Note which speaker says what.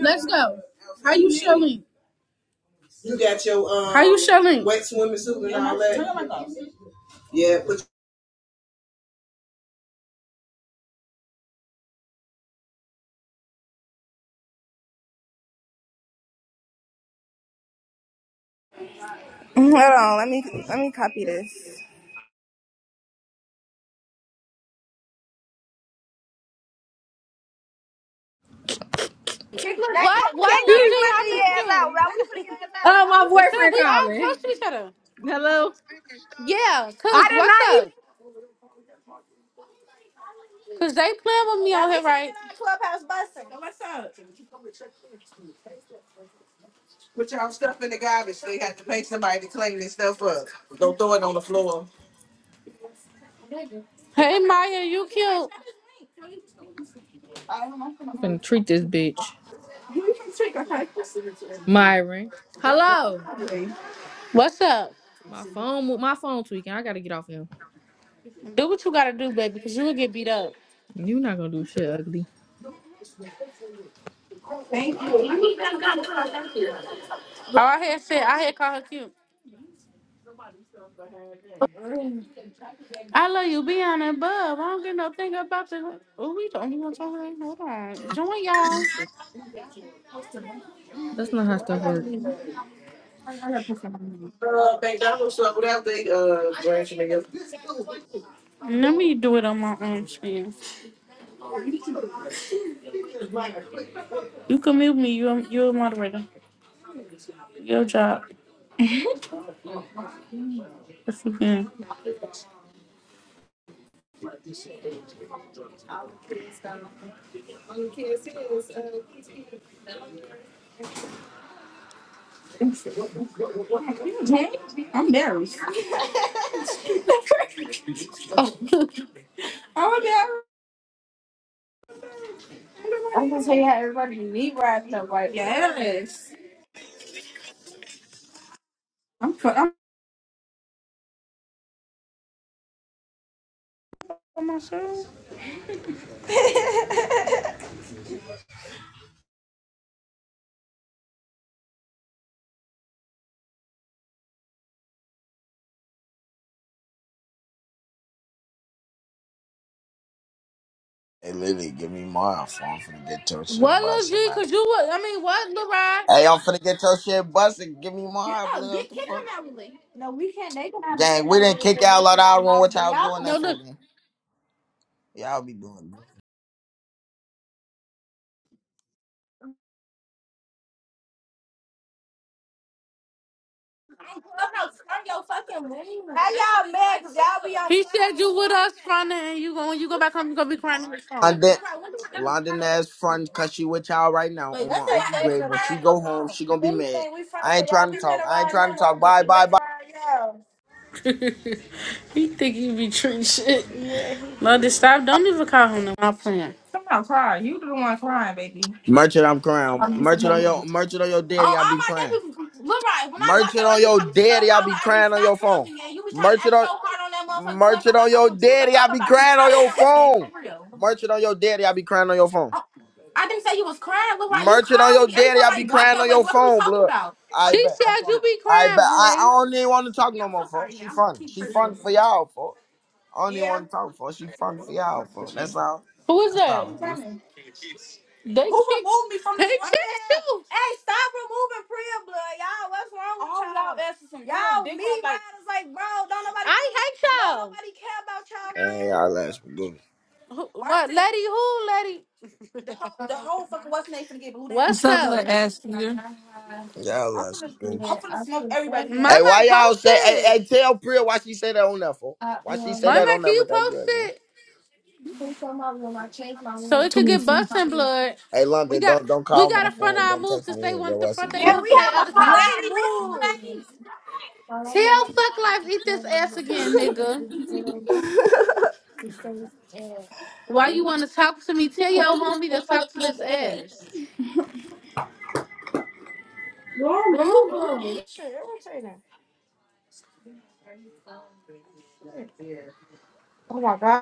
Speaker 1: Let's go. How you showing? You got your um How you showing? wet swimming suit and all that. Yeah, put
Speaker 2: Hold on, let me let me copy this.
Speaker 1: your- What? What,
Speaker 3: Kick,
Speaker 1: Lil G?
Speaker 3: kick my
Speaker 1: I
Speaker 3: G
Speaker 1: miss
Speaker 3: ass out, man. We finna get
Speaker 1: you.
Speaker 4: Oh, my
Speaker 1: What's up?
Speaker 4: boyfriend
Speaker 1: We all close
Speaker 4: calling.
Speaker 1: to each other.
Speaker 4: Hello.
Speaker 1: Yeah,
Speaker 4: I
Speaker 1: cause
Speaker 4: did not
Speaker 1: what's up?
Speaker 4: even.
Speaker 1: Cause they playing with me on here, right? Clubhouse busing. put y'all stuff in the garbage. They have to pay somebody to clean this stuff up. Don't throw it on the floor. Hey Maya, you cute.
Speaker 4: I'm finna treat this bitch, Myron. Hello.
Speaker 1: What's up?
Speaker 4: My phone, mo- my phone tweaking. I gotta get off him.
Speaker 1: Do what you gotta do, baby, cause you will get beat up.
Speaker 4: you not gonna do shit, ugly.
Speaker 1: Oh, I had said I had called her cute. I love you, be on that Bub. I don't get no thing about the. Oh, we don't even talk about it. Hold on. Join y'all.
Speaker 4: That's not how stuff works.
Speaker 1: Uh, babe, that was uh, without the uh, grandchildren. Let me do it on my own screen. You can mute me. You're, you're a moderator. Your job. If you can. I'm embarrassed. Oh, I'm, fu- I'm on my show?
Speaker 5: Hey Lily, give me mine. fool. I'm finna get your shit
Speaker 1: What, Lil
Speaker 5: busted,
Speaker 1: G?
Speaker 5: man.
Speaker 1: Because you would. I mean, what, Lil Rod?
Speaker 5: Hey, I'm finna get your shit busted. Give me
Speaker 1: get,
Speaker 5: mine,
Speaker 1: oh,
Speaker 5: blood. What
Speaker 1: get
Speaker 5: the
Speaker 1: kick
Speaker 5: fuck?
Speaker 1: him out with it. No, we can't. They cannot be
Speaker 5: Gang,
Speaker 1: in
Speaker 5: we
Speaker 1: there with
Speaker 5: didn't
Speaker 1: it.
Speaker 5: kick
Speaker 1: But
Speaker 5: y'all
Speaker 1: once
Speaker 5: out of
Speaker 1: in our
Speaker 5: our room.
Speaker 1: mouth,
Speaker 5: What
Speaker 1: but
Speaker 5: y'all
Speaker 1: y'all
Speaker 5: doing
Speaker 1: No,
Speaker 5: that
Speaker 1: look.
Speaker 5: for, gang? Y'all be doing that.
Speaker 1: How y'all mad? Cause y'all be on He said you with us, Fronda, and you going you go back home, you gonna be crying on your phone.
Speaker 5: London,
Speaker 1: Look right, when do I ever
Speaker 5: London
Speaker 1: cry on your
Speaker 5: ass
Speaker 1: phone?
Speaker 5: front, cause she with y'all right now
Speaker 1: Wait,
Speaker 5: on
Speaker 1: when
Speaker 5: my
Speaker 1: do
Speaker 5: uncle
Speaker 1: I
Speaker 5: grave.
Speaker 1: ever
Speaker 5: When
Speaker 1: cry
Speaker 5: she
Speaker 1: on your
Speaker 5: go home,
Speaker 1: phone?
Speaker 5: she gonna
Speaker 1: If
Speaker 5: be mad.
Speaker 1: anything, we fucking
Speaker 5: I
Speaker 1: for
Speaker 5: ain't
Speaker 1: y'all.
Speaker 5: trying to
Speaker 1: We've been
Speaker 5: talk. I ain't
Speaker 1: around
Speaker 5: trying to
Speaker 1: no
Speaker 5: talk.
Speaker 1: longer.
Speaker 5: Bye,
Speaker 1: We've been
Speaker 5: bye, bye.
Speaker 1: around y'all. he think he be treating shit. No, just stop. Don't even call him. No, I'm playing.
Speaker 5: Merchant, I'm crying. Merchant on your, merchant on your daddy,
Speaker 1: Oh,
Speaker 5: I
Speaker 1: all
Speaker 5: be
Speaker 1: my
Speaker 5: crying.
Speaker 1: damn people. look right. When I bought
Speaker 5: Merchant
Speaker 1: your
Speaker 5: on
Speaker 1: watch, you
Speaker 5: your
Speaker 1: coming to no
Speaker 5: daddy, I
Speaker 1: caller
Speaker 5: be
Speaker 1: ID.
Speaker 5: crying on
Speaker 1: Stop
Speaker 5: your
Speaker 1: playing
Speaker 5: phone.
Speaker 1: with me, gang. You was trying to
Speaker 5: Merchant
Speaker 1: act
Speaker 5: on.
Speaker 1: so hard on that motherfucking club.
Speaker 5: Merch
Speaker 1: I
Speaker 5: it
Speaker 1: was
Speaker 5: on
Speaker 1: like, I
Speaker 5: your
Speaker 1: want to treat the
Speaker 5: daddy.
Speaker 1: fuck
Speaker 5: I be
Speaker 1: about you.
Speaker 5: crying
Speaker 1: Stop
Speaker 5: on
Speaker 1: playing
Speaker 5: your
Speaker 1: with me, gang. For
Speaker 5: phone.
Speaker 1: real.
Speaker 5: Merch it on your daddy. I be crying on your phone.
Speaker 1: Oh, I didn't say you was crying. Look, why you
Speaker 5: Merch it on
Speaker 1: calling
Speaker 5: your
Speaker 1: me every
Speaker 5: daddy.
Speaker 1: time
Speaker 5: I
Speaker 1: I
Speaker 5: be
Speaker 1: block
Speaker 5: crying
Speaker 1: your
Speaker 5: on
Speaker 1: ass?
Speaker 5: your
Speaker 1: What are we
Speaker 5: phone,
Speaker 1: talking
Speaker 5: blood.
Speaker 1: about? What are
Speaker 5: I
Speaker 1: She we
Speaker 5: bet.
Speaker 1: said
Speaker 5: I'm
Speaker 1: you
Speaker 5: from
Speaker 1: be
Speaker 5: I bet.
Speaker 1: crying,
Speaker 5: I, I
Speaker 1: boy.
Speaker 5: don't even want to talk
Speaker 1: talking
Speaker 5: no
Speaker 1: about? I'm
Speaker 5: more,
Speaker 1: so
Speaker 5: folks.
Speaker 1: sorry. Yeah,
Speaker 5: She
Speaker 1: I'm
Speaker 5: fun.
Speaker 1: keep
Speaker 5: She
Speaker 1: Crystal.
Speaker 5: fun for y'all, folks. I don't even want to talk, folks. She fun for y'all, folks. That's all.
Speaker 1: Who is
Speaker 5: That's
Speaker 1: Why that? you
Speaker 5: all. it is.
Speaker 1: coming? They Who kicked. removed me from They this room? kicked Hey, you. Hey, stop removing Priya blood, y'all. What's wrong with All y'all? Y'all asses some young y'all dick me, ride, like riding nobody I hate y'all. nobody,
Speaker 5: Hey, y'all last goose.
Speaker 1: Who- What, Marcy. lady? Who, lady? The
Speaker 6: What's
Speaker 1: whole fucking what's name finna get booted What's
Speaker 6: up, little
Speaker 1: up?
Speaker 6: ass eater?
Speaker 5: Y'all
Speaker 1: I'm
Speaker 5: last
Speaker 1: finna I'm
Speaker 5: goose.
Speaker 1: finna smoke everybody.
Speaker 5: Hey,
Speaker 1: Mama,
Speaker 5: why y'all
Speaker 1: post
Speaker 5: say? Hey, hey,
Speaker 1: this.
Speaker 5: tell Priya why she say that on that, folks. Why she say that
Speaker 1: Mama,
Speaker 5: on
Speaker 1: can
Speaker 5: that
Speaker 1: you
Speaker 5: with that
Speaker 1: post
Speaker 5: girl, man?
Speaker 1: it? So it
Speaker 6: Too
Speaker 1: could
Speaker 6: many
Speaker 1: get busting
Speaker 6: things.
Speaker 1: blood.
Speaker 5: Hey,
Speaker 1: We
Speaker 5: London,
Speaker 1: got
Speaker 5: don't don't
Speaker 1: we
Speaker 5: call my
Speaker 1: gotta front
Speaker 5: phone.
Speaker 1: our
Speaker 5: Don't
Speaker 1: moves
Speaker 5: text
Speaker 1: since
Speaker 5: me
Speaker 1: they
Speaker 5: either.
Speaker 1: want
Speaker 5: Yo,
Speaker 1: to
Speaker 5: that's a
Speaker 1: front they
Speaker 5: dude.
Speaker 1: Yeah, move we from their have to other house. find move. Tell suck life eat this ass again, nigga. Why you wanna talk to me? Tell your homie to talk to this ass. Go on mute, bro. Shit, irritating. Oh my god.